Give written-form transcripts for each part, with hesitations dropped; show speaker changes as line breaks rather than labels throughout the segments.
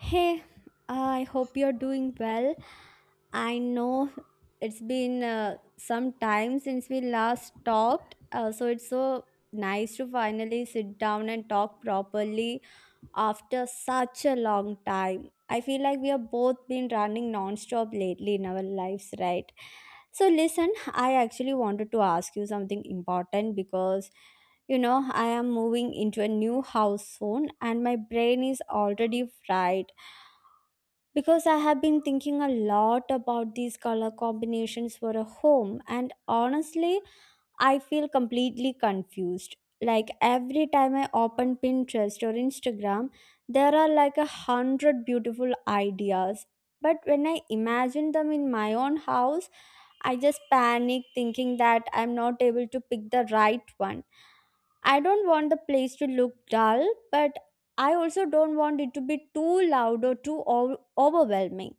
Hey, I hope you're doing well. I know it's been some time since we last talked, so it's so nice to finally sit down and talk properly after such a long time. I feel like we have both been running non-stop lately in our lives, right? So listen, I actually wanted to ask you something important because you know, I am moving into a new house soon and my brain is already fried because I have been thinking a lot about these color combinations for a home, and honestly, I feel completely confused. Like every time I open Pinterest or Instagram, there are like a hundred beautiful ideas. But when I imagine them in my own house, I just panic thinking that I'm not able to pick the right one. I don't want the place to look dull, but I also don't want it to be too loud or too overwhelming.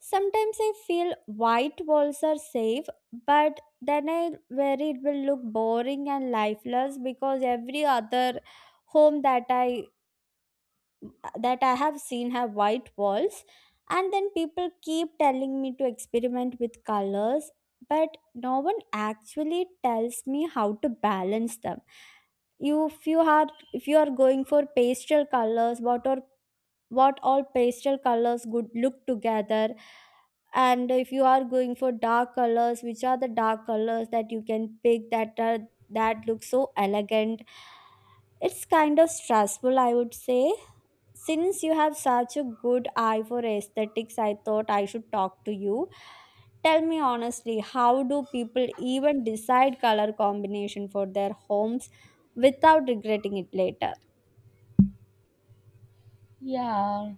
Sometimes I feel white walls are safe, but then I worry it will look boring and lifeless because every other home that I have seen have white walls, and then people keep telling me to experiment with colors, but no one actually tells me how to balance them. You, if you are going for pastel colors, what all pastel colors would look together, and if you are going for dark colors, which are the dark colors that you can pick that look so elegant. It's kind of stressful, I would say, since you have such a good eye for aesthetics, I thought I should talk to you. Tell me honestly, how do people even decide color combination for their homes without regretting it later?
Yeah.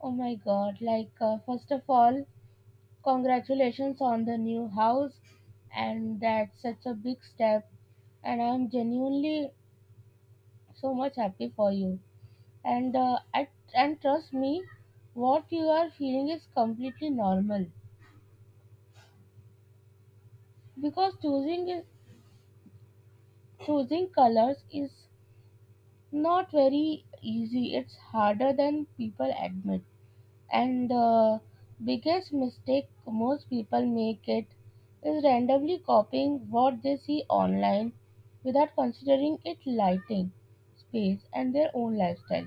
Oh my God. Like, first of all, congratulations on the new house. And that's such a big step. And I'm genuinely so much happy for you. And uh, I, and trust me, what you are feeling is completely normal because choosing colors is not very easy. It's harder than people admit. And the biggest mistake most people make it is randomly copying what they see online without considering its lighting, space, and their own lifestyle.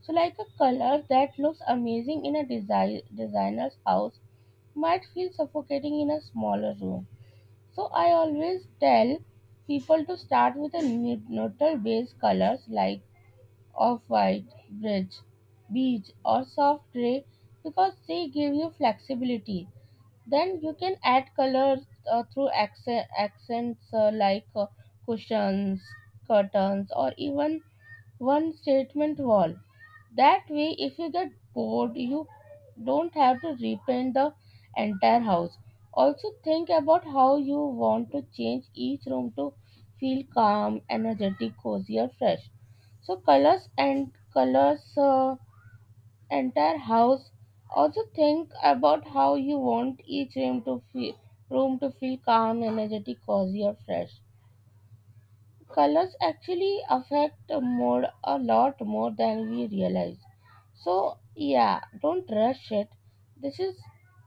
So, like a color that looks amazing in a designer's house might feel suffocating in a smaller room. So, I always tell people to start with a neutral base colors like off-white, bridge, beige, or soft gray because they give you flexibility. Then you can add colors through accents like cushions, curtains, or even one statement wall. That way, if you get bored, you don't have to repaint the entire house. Also, think about how you want to change each room to feel calm, energetic, cozy, or fresh. So, colors and colors. The entire house. Also think about how you want each room to feel calm, energetic, cozy or fresh. Colors actually affect the mood a lot more than we realize. So yeah, don't rush it. This is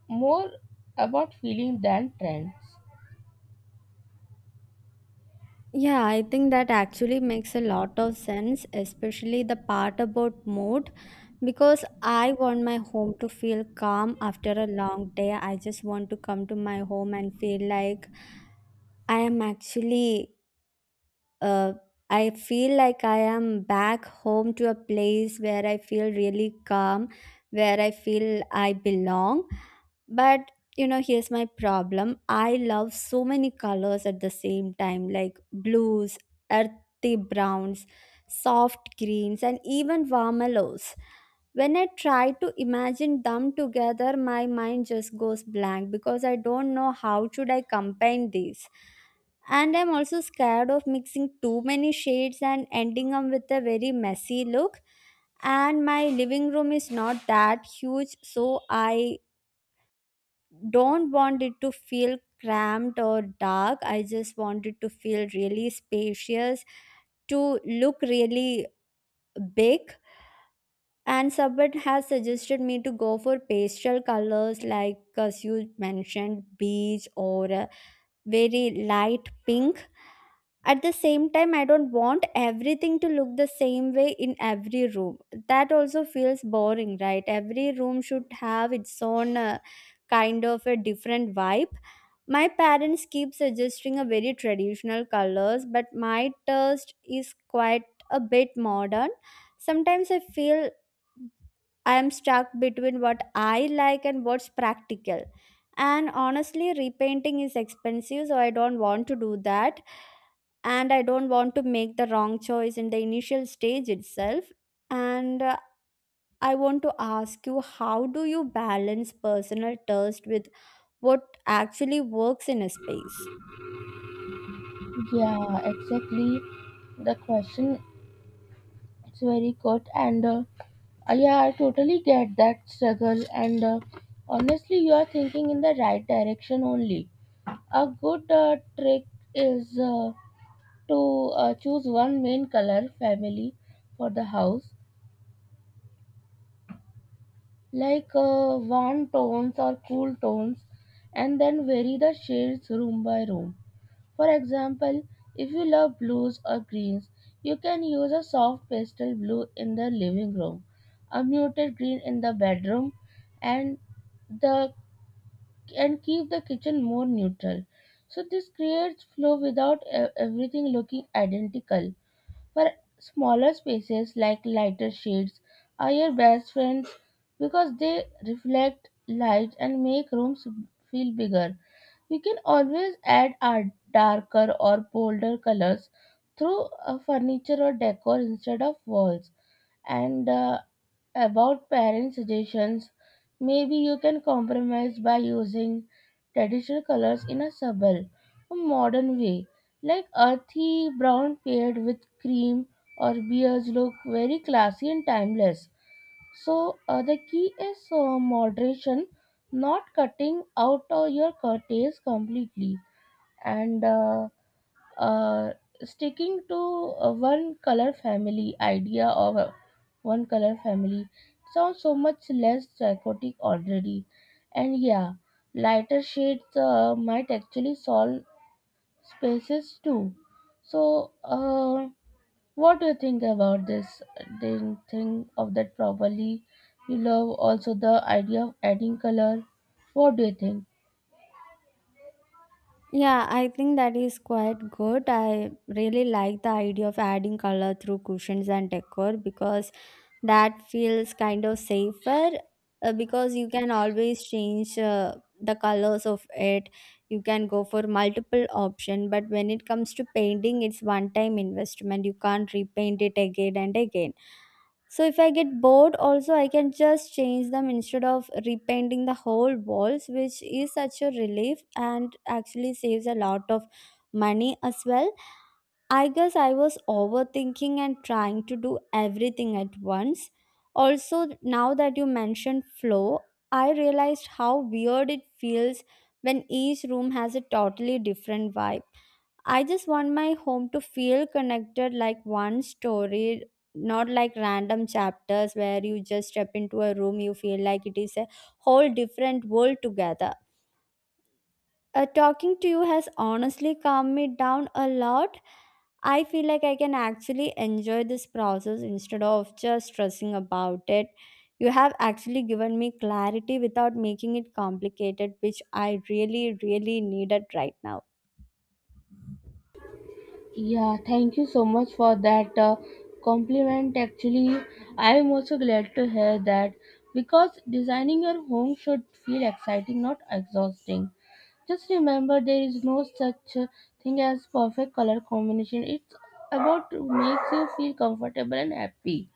more about feeling than trends.
Yeah, I think that actually makes a lot of sense, especially the part about mood, because I want my home to feel calm after a long day. I just want to come to my home and feel like I am actually uh, I feel like I am back home to a place where I feel really calm, where I feel I belong. But you know, here's my problem. I love so many colors at the same time, like blues, earthy browns, soft greens, and even warm yellows. When I try to imagine them together, my mind just goes blank because I don't know how should I combine these. And I'm also scared of mixing too many shades and ending up with a very messy look, and my living room is not that huge, so I don't want it to feel cramped or dark. I just want it to feel really spacious, to look really big. And someone has suggested me to go for pastel colors, like as you mentioned, beige or a very light pink. At the same time, I don't want everything to look the same way in every room. That also feels boring, right? Every room should have its own kind of a different vibe. My parents keep suggesting a very traditional colors, but my taste is quite a bit modern. Sometimes I feel I am stuck between what I like and what's practical. And honestly, repainting is expensive, so I don't want to do that, and I don't want to make the wrong choice in the initial stage itself. And I want to ask you, how do you balance personal taste with what actually works in a space?
Yeah, exactly. The question is very good and yeah, I totally get that struggle, and honestly, you are thinking in the right direction only. A good trick is to choose one main color family for the house, like warm tones or cool tones, and then vary the shades room by room. For example, if you love blues or greens, you can use a soft pastel blue in the living room, a muted green in the bedroom, and the and keep the kitchen more neutral. So this creates flow without everything looking identical. For smaller spaces like lighter shades are your best friends because they reflect light and make rooms feel bigger. You can always add our darker or bolder colors through furniture or decor instead of walls. And about parent suggestions, maybe you can compromise by using traditional colors in a subtle, or modern way, like earthy brown paired with cream or beige look very classy and timeless. So the key is moderation, not cutting out your curtails completely, and uh, sticking to one color family idea of one color family. It sounds so much less psychotic already. And yeah, lighter shades might actually solve spaces too. So, what do you think about this? Didn't think of that properly. You love also the idea of adding color. What do you think?
Yeah, I think that is quite good. I really like the idea of adding color through cushions and decor because that feels kind of safer, because you can always change the colors of it. You can go for multiple option, but when it comes to painting, it's one time investment. You can't repaint it again and again. So if I get bored also I can just change them instead of repainting the whole walls, which is such a relief and actually saves a lot of money as well. I guess I was overthinking and trying to do everything at once. Also now that you mentioned flow, I realized how weird it feels when each room has a totally different vibe. I just want my home to feel connected like one story, not like random chapters where you just step into a room, you feel like it is a whole different world together. Talking to you has honestly calmed me down a lot. I feel like I can actually enjoy this process instead of just stressing about it. You have actually given me clarity without making it complicated, which I really, really needed right now.
Yeah, thank you so much for that compliment. Actually, I am also glad to hear that because designing your home should feel exciting, not exhausting. Just remember, there is no such thing as perfect color combination. It's about to make you feel comfortable and happy.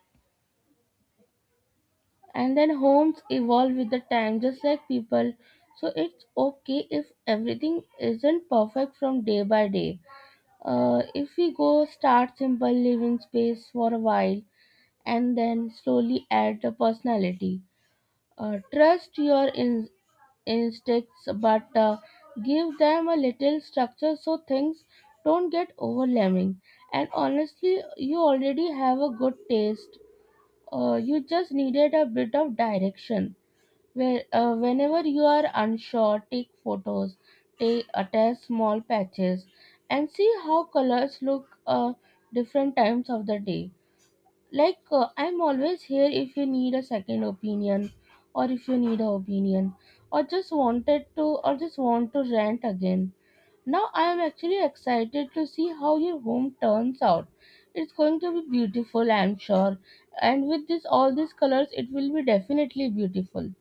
And then homes evolve with the time just like people, so it's okay if everything isn't perfect from day by day. If we go start simple living space for a while and then slowly add the personality, trust your instincts, but give them a little structure so things don't get overwhelming. And honestly, you already have a good taste. You just needed a bit of direction. Whenever you are unsure, take photos, take attach small patches, and see how colors look different times of the day. Like I'm always here if you need a second opinion, or if you need a opinion, or just want to rant again. Now I am actually excited to see how your home turns out. It's going to be beautiful, I'm sure. And with this all these colors, it will be definitely beautiful.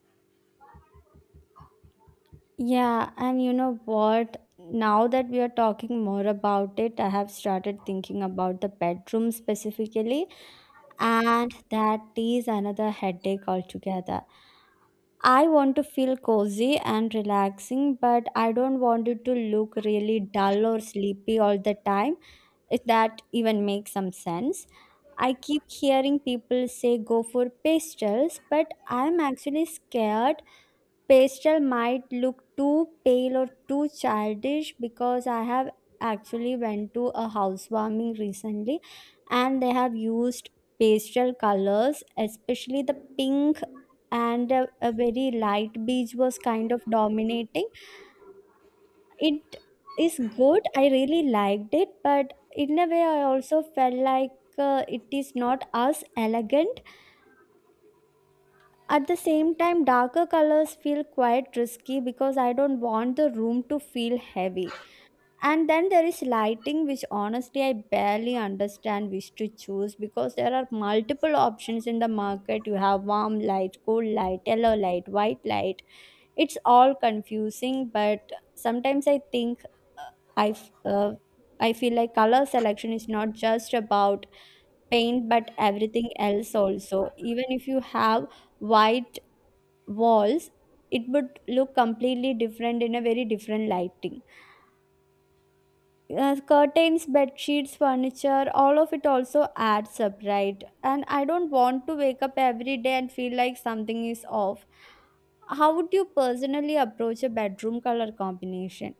Yeah, and you know what? Now that we are talking more about it, I have started thinking about the bedroom specifically, and that is another headache altogether. I want to feel cozy and relaxing, but I don't want it to look really dull or sleepy all the time, if that even makes some sense. I keep hearing people say go for pastels, but I'm actually scared pastel might look too pale or too childish because I have actually went to a housewarming recently and they have used pastel colors, especially the pink, and a very light beige was kind of dominating it. Is good, I really liked it, but in a way I also felt like it is not as elegant. At the same time, darker colors feel quite risky because I don't want the room to feel heavy. And then there is lighting, which honestly I barely understand which to choose because there are multiple options in the market. You have warm light, cool light, yellow light, white light. It's all confusing, but sometimes I think I, f- uh, I feel like color selection is not just about paint but everything else also. Even if you have white walls, it would look completely different in a very different lighting. Curtains, bed sheets, furniture, all of it also adds up, right? And I don't want to wake up every day and feel like something is off. How would you personally approach a bedroom color combination?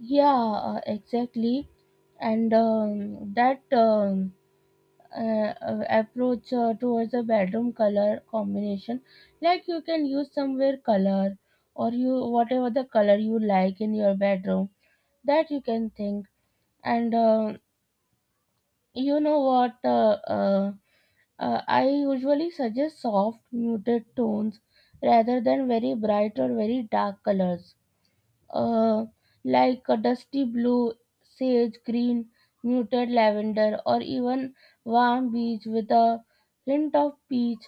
Yeah, exactly. And that Approach towards the bedroom color combination, like you can use somewhere color or you whatever the color you like in your bedroom, that you can think. And You know what? I usually suggest soft muted tones rather than very bright or very dark colors. uh, like a dusty blue, sage green, muted lavender, or even warm beige with a hint of peach.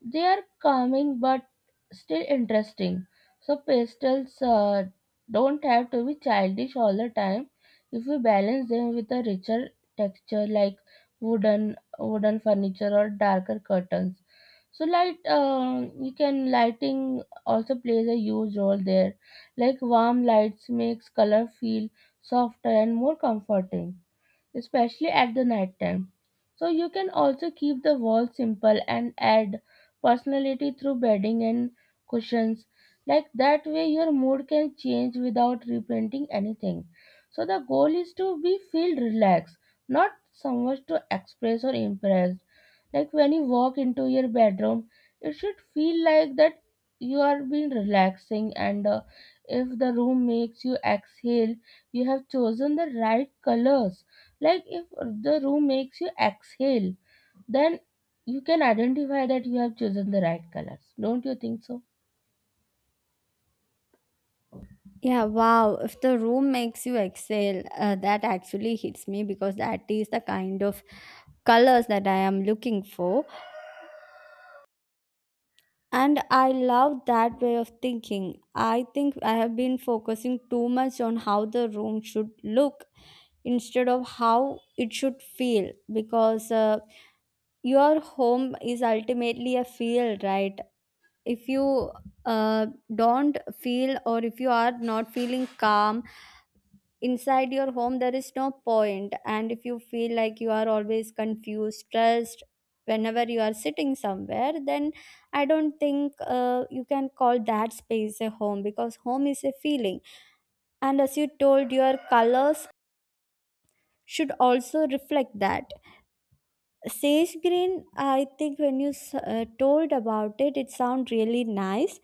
They are calming but still interesting. So pastels don't have to be childish all the time if we balance them with a richer texture like wooden furniture or darker curtains. So light you can Lighting also plays a huge role there, like warm lights makes color feel softer and more comforting, especially at the night time. So you can also keep the walls simple and add personality through bedding and cushions. Like that way your mood can change without reprinting anything. So the goal is to be feel relaxed, not so much to express or impress. Like when you walk into your bedroom, it should feel like that you are being relaxing, and if the room makes you exhale, you have chosen the right colors. Like if the room makes you exhale, then you can identify that you have chosen the right colors. Don't you think so?
Yeah, wow, if the room makes you exhale, that actually hits me because that is the kind of colors that I am looking for. And I love that way of thinking. I think I have been focusing too much on how the room should look instead of how it should feel, because your home is ultimately a field, right? If you uh, don't feel or if you are not feeling calm inside your home, there is no point. And if you feel like you are always confused, stressed whenever you are sitting somewhere, then I don't think you can call that space a home because home is a feeling, and as you told, your colors should also reflect that. Sage green, I think when you told about it it sound really nice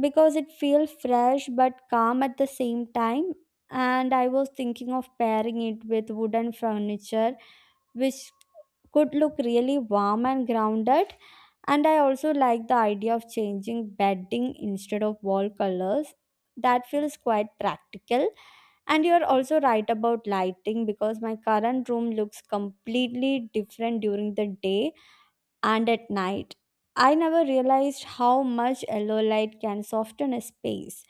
because it feels fresh but calm at the same time. And I was thinking of pairing it with wooden furniture, which could look really warm and grounded. And I also like the idea of changing bedding instead of wall colors. That feels quite practical. And you're also right about lighting because my current room looks completely different during the day and at night. I never realized how much yellow light can soften a space.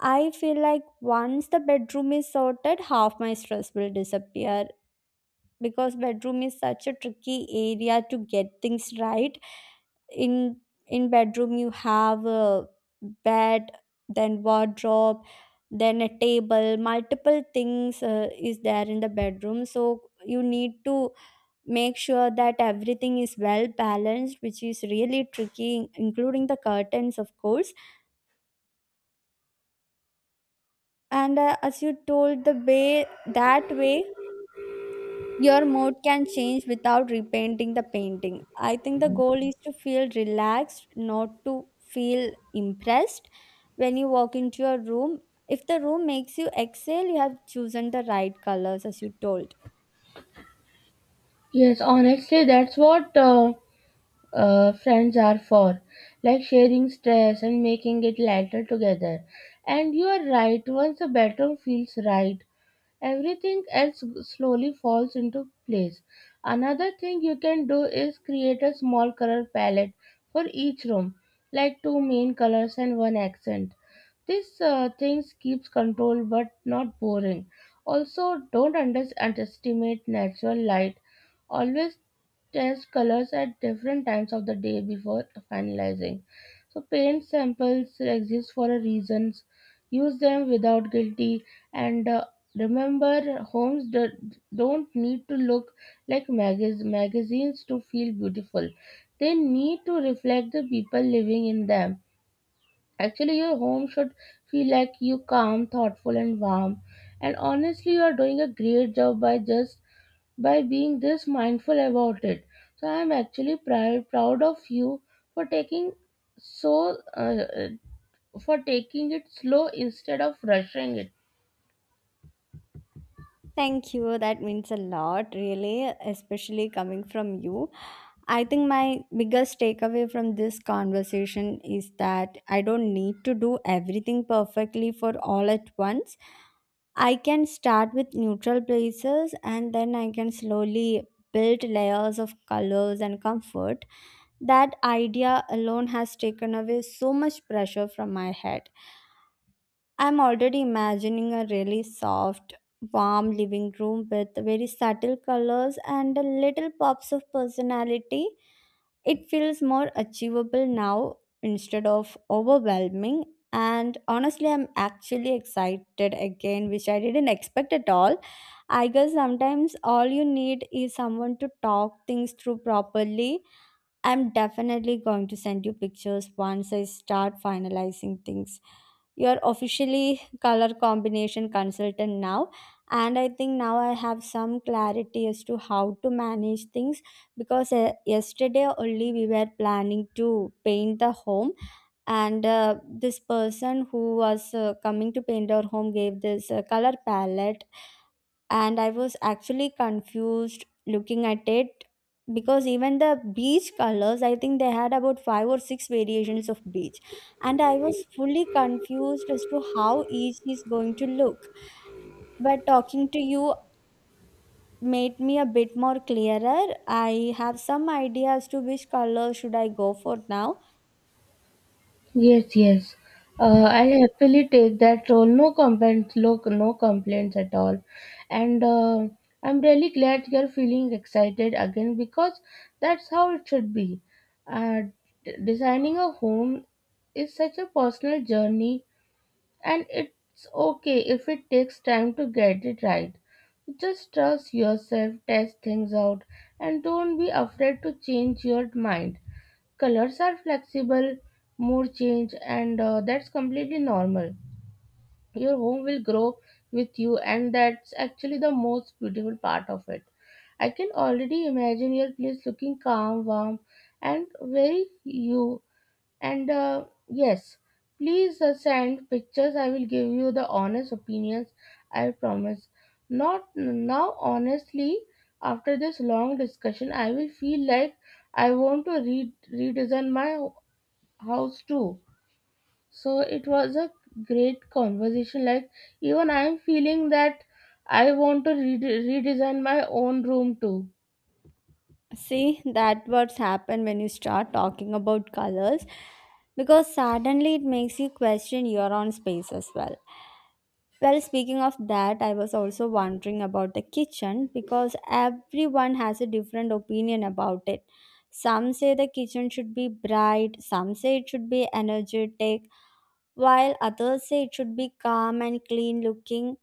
I feel like once the bedroom is sorted, half my stress will disappear because bedroom is such a tricky area to get things right. In in bedroom you have a bed, then wardrobe, then a table, multiple things is there in the bedroom. So you need to make sure that everything is well balanced, which is really tricky, including the curtains of course. And As you told, the way that way your mood can change without repainting the painting. I think the goal is to feel relaxed, not to feel impressed. When you walk into your room, if the room makes you exhale, you have chosen the right colors, as you told.
Yes, honestly, that's what friends are for, like sharing stress and making it lighter together. And you are right, once the bedroom feels right, everything else slowly falls into place. Another thing you can do is create a small color palette for each room, like two main colors and one accent. This things keeps control but not boring. Also, don't underestimate natural light. Always test colors at different times of the day before finalizing. So paint samples exist for a reasons. Use them without guilty. And Remember, homes don't need to look like magazines to feel beautiful. They need to reflect the people living in them. Actually, your home should feel like you calm, thoughtful, and warm. And honestly, you are doing a great job by just by being this mindful about it. So I am actually proud of you for taking so uh, for taking it slow instead of rushing it.
Thank you, that means a lot, really, especially coming from you. I think my biggest takeaway from this conversation is that I don't need to do everything perfectly for all at once. I can start with neutral places and then I can slowly build layers of colors and comfort. That idea alone has taken away so much pressure from my head. I'm already imagining a really soft, warm living room with very subtle colors and little pops of personality. It feels more achievable now instead of overwhelming. And honestly, I'm actually excited again, which I didn't expect at all. I guess sometimes all you need is someone to talk things through properly. I'm definitely going to send you pictures once I start finalizing things. You're officially color combination consultant now, and I think now I have some clarity as to how to manage things because yesterday only we were planning to paint the home, and this person who was coming to paint our home gave this color palette, and I was actually confused looking at it because even the beach colors, I think they had about five or six variations of beach, and I was fully confused as to how each is going to look. But talking to you made me a bit more clearer. I have some idea as to which color should I go for now.
Yes, yes. I happily take that role. No complaints, look, no complaints at all. And I'm really glad you're feeling excited again because that's how it should be. Uh, Designing a home is such a personal journey, and it's okay if it takes time to get it right. Just trust yourself, test things out, and don't be afraid to change your mind. Colors are flexible, mood change, and that's completely normal. Your home will grow with you, and that's actually the most beautiful part of it. I can already imagine your place looking calm, warm, and very you. And yes, please send pictures. I will give you the honest opinions. I promise. Not now, honestly. After this long discussion, I will feel like I want to redesign my house too. So it was a great conversation. Like even I am feeling that I want to redesign my own room too.
See, that what's happened when you start talking about colors because suddenly it makes you question your own space as well. Well, speaking of that, I was also wondering about the kitchen because everyone has a different opinion about it. Some say the kitchen should be bright, some say it should be energetic, while others say it should be calm and clean looking.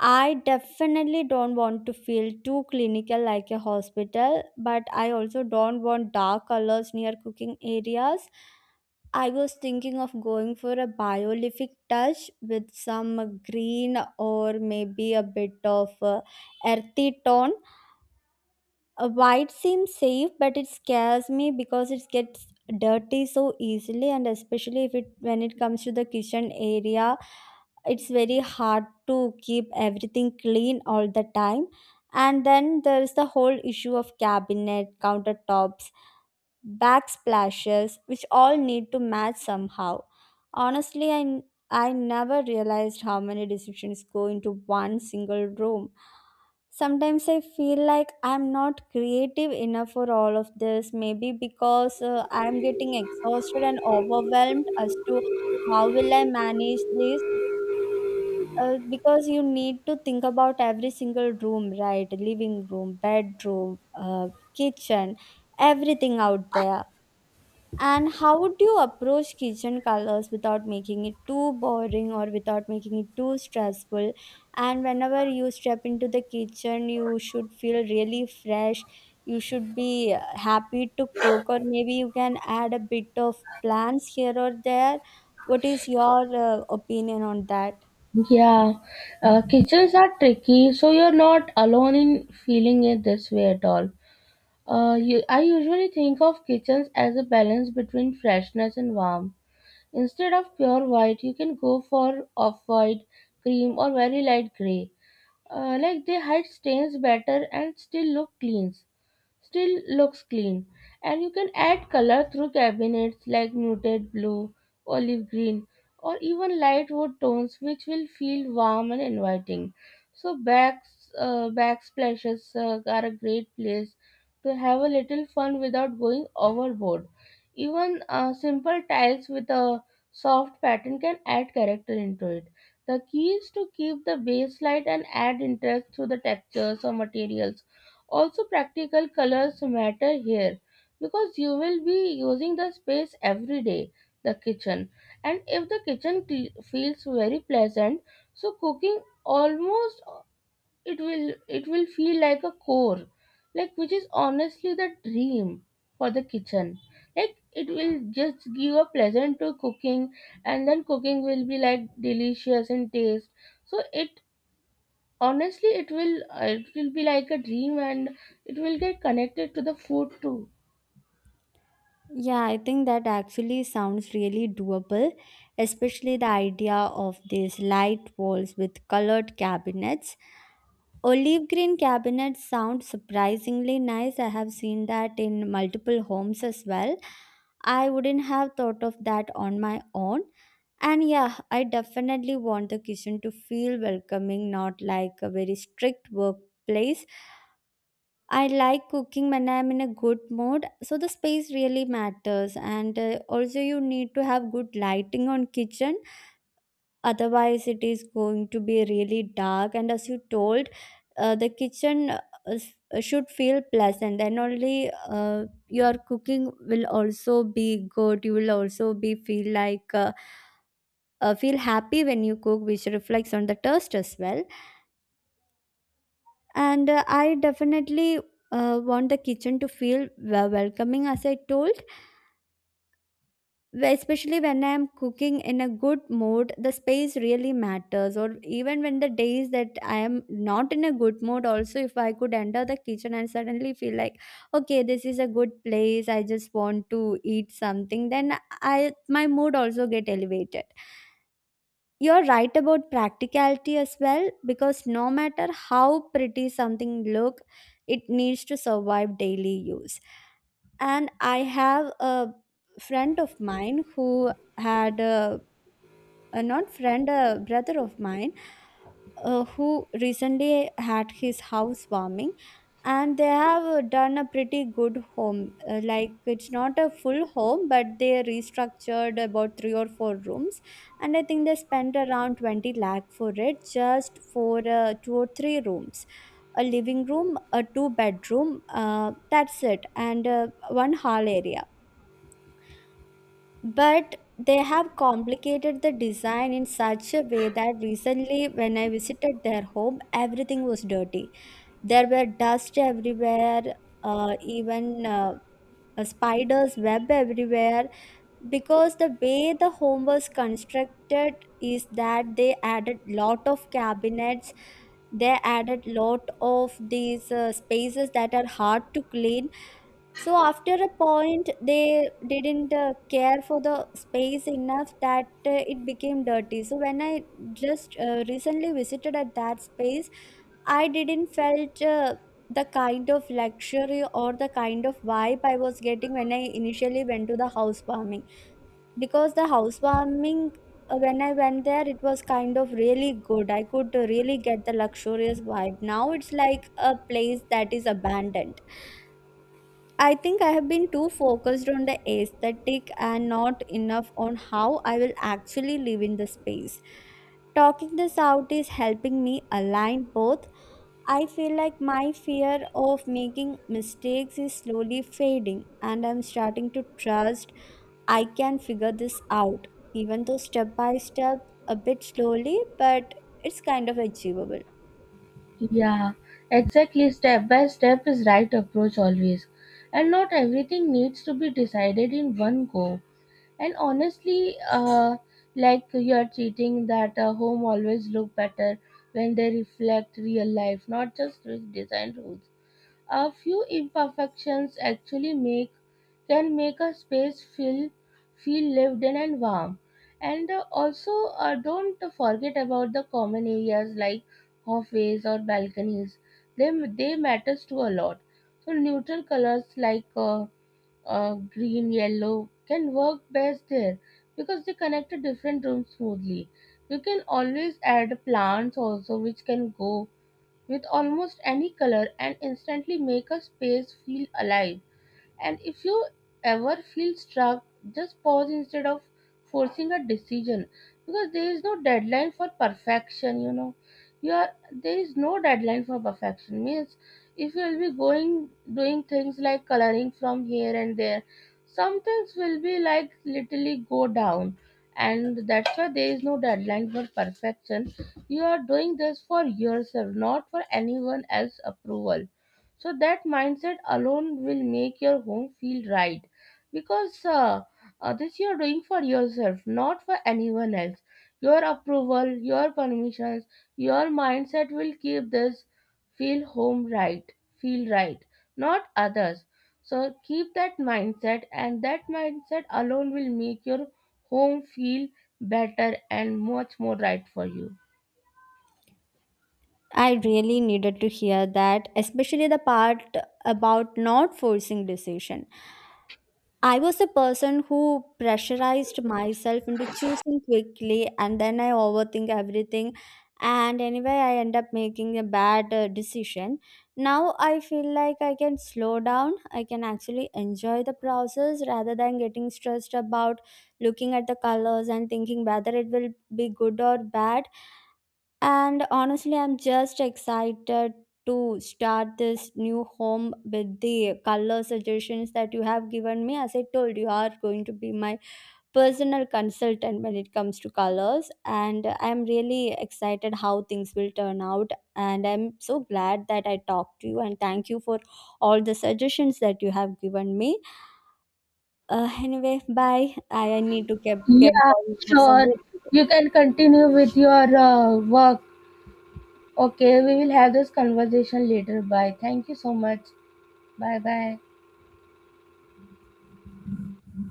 I definitely don't want to feel too clinical like a hospital, but I also don't want dark colors near cooking areas. I was thinking of going for a biolific touch with some green or maybe a bit of earthy tone. White seems safe, but it scares me because it gets dirty so easily, and especially if it when it comes to the kitchen area, it's very hard to keep everything clean all the time. And then there's the whole issue of cabinet countertops, backsplashes, which all need to match somehow. Honestly, I never realized how many decisions go into one single room. Sometimes I feel like I'm not creative enough for all of this, maybe because I'm getting exhausted and overwhelmed as to how will I manage this. Because you need to think about every single room, right? Living room, bedroom, kitchen, everything out there. And how would you approach kitchen colors without making it too boring or without making it too stressful? And whenever you step into the kitchen, you should feel really fresh. You should be happy to cook, or maybe you can add a bit of plants here or there. What is your opinion on that?
Yeah, kitchens are tricky, so you're not alone in feeling it this way at all. I usually think of kitchens as a balance between freshness and warmth. Instead of pure white, you can go for off-white, cream, or very light gray. Like they hide stains better and still looks clean. And you can add color through cabinets like muted blue, olive green, or even light wood tones, which will feel warm and inviting. So, backsplashes are a great place to have a little fun without going overboard. Even simple tiles with a soft pattern can add character into it. The key is to keep the base light and add interest through the textures or materials. Also, practical colors matter here because you will be using the space every day, the kitchen. And if the kitchen feels very pleasant, so cooking almost it will feel like a core, like which is honestly the dream for the kitchen. Like it will just give a pleasant to cooking, and then cooking will be like delicious in taste. So it honestly it will be like a dream, and it will get connected to the food too.
Yeah, I think that actually sounds really doable, especially the idea of these light walls with colored cabinets. Olive green cabinets sound surprisingly nice. I have seen that in multiple homes as well. I wouldn't have thought of that on my own. And yeah, I definitely want the kitchen to feel welcoming, not like a very strict workplace. I like cooking when I'm in a good mood, so the space really matters. And also, you need to have good lighting on kitchen, otherwise it is going to be really dark, and as you told, the kitchen should feel pleasant, then only your cooking will also be good, you will also be feel like feel happy when you cook, which reflects on the taste as well. And I definitely want the kitchen to feel welcoming as I told, especially when I'm cooking in a good mood the space really matters, or even when the days that I am not in a good mood also, if I could enter the kitchen and suddenly feel like okay, this is a good place, I just want to eat something, then I my mood also get elevated. You're right about practicality as well because no matter how pretty something look, it needs to survive daily use. And I have a friend of mine who had a not friend, a brother of mine, who recently had his house warming, and they have done a pretty good home. Like it's not a full home, but they restructured about three or four rooms, and I think they spent around 20 lakh for it, just for two or three rooms, a living room, a two bedroom. That's it, and one hall area, but they have complicated the design in such a way that recently when I visited their home everything was dirty. There were dust everywhere, even a spider's web everywhere because the way the home was constructed is that they added lot of cabinets, they added lot of these spaces that are hard to clean. So after a point, they didn't care for the space enough that it became dirty. So when I just recently visited at that space, I didn't felt the kind of luxury or the kind of vibe I was getting when I initially went to the housewarming. Because the housewarming, when I went there, it was kind of really good. I could really get the luxurious vibe. Now it's like a place that is abandoned. I think I have been too focused on the aesthetic and not enough on how I will actually live in the space. Talking this out is helping me align both. I feel like my fear of making mistakes is slowly fading, and I'm starting to trust I can figure this out, even though step by step, a bit slowly, but it's kind of achievable.
Yeah, exactly, step by step is right approach always, and not everything needs to be decided in one go. And honestly, like you are treating that home always look better when they reflect real life, not just with design rules. A few imperfections actually make can make a space feel lived in and warm. And also, don't forget about the common areas like hallways or balconies. They they matters to a lot. So neutral colors like green, yellow can work best there because they connect to different rooms smoothly. You can always add plants also, which can go with almost any color and instantly make a space feel alive. And if you ever feel stuck, just pause instead of forcing a decision because there is no deadline for perfection, you know. You are, there is no deadline for perfection means if you will be going doing things like coloring from here and there, some things will be like literally go down, and that's why there is no deadline for perfection. You are doing this for yourself, not for anyone else approval, so that mindset alone will make your home feel right. Because this you're doing for yourself, not for anyone else. Your approval, your permissions, your mindset will keep this feel home right, feel right, not others. So keep that mindset, and that mindset alone will make your home feel better and much more right for you.
I really needed to hear that, especially the part about not forcing decision. I was a person who pressurized myself into choosing quickly and then I overthink everything and anyway I end up making a bad decision. Now I feel like I can slow down, I can actually enjoy the process rather than getting stressed about looking at the colors and thinking whether it will be good or bad. And honestly, I'm just excited to start this new home with the color suggestions that you have given me. As I told you, you are going to be my personal consultant when it comes to colors. And I'm really excited how things will turn out. And I'm so glad that I talked to you. And thank you for all the suggestions that you have given me. Anyway, bye. I need to keep
Yeah,
going. Have some
sure.
work to do.
You can continue with your work. Okay, we will have this conversation later. Bye. Thank you so much. Bye bye.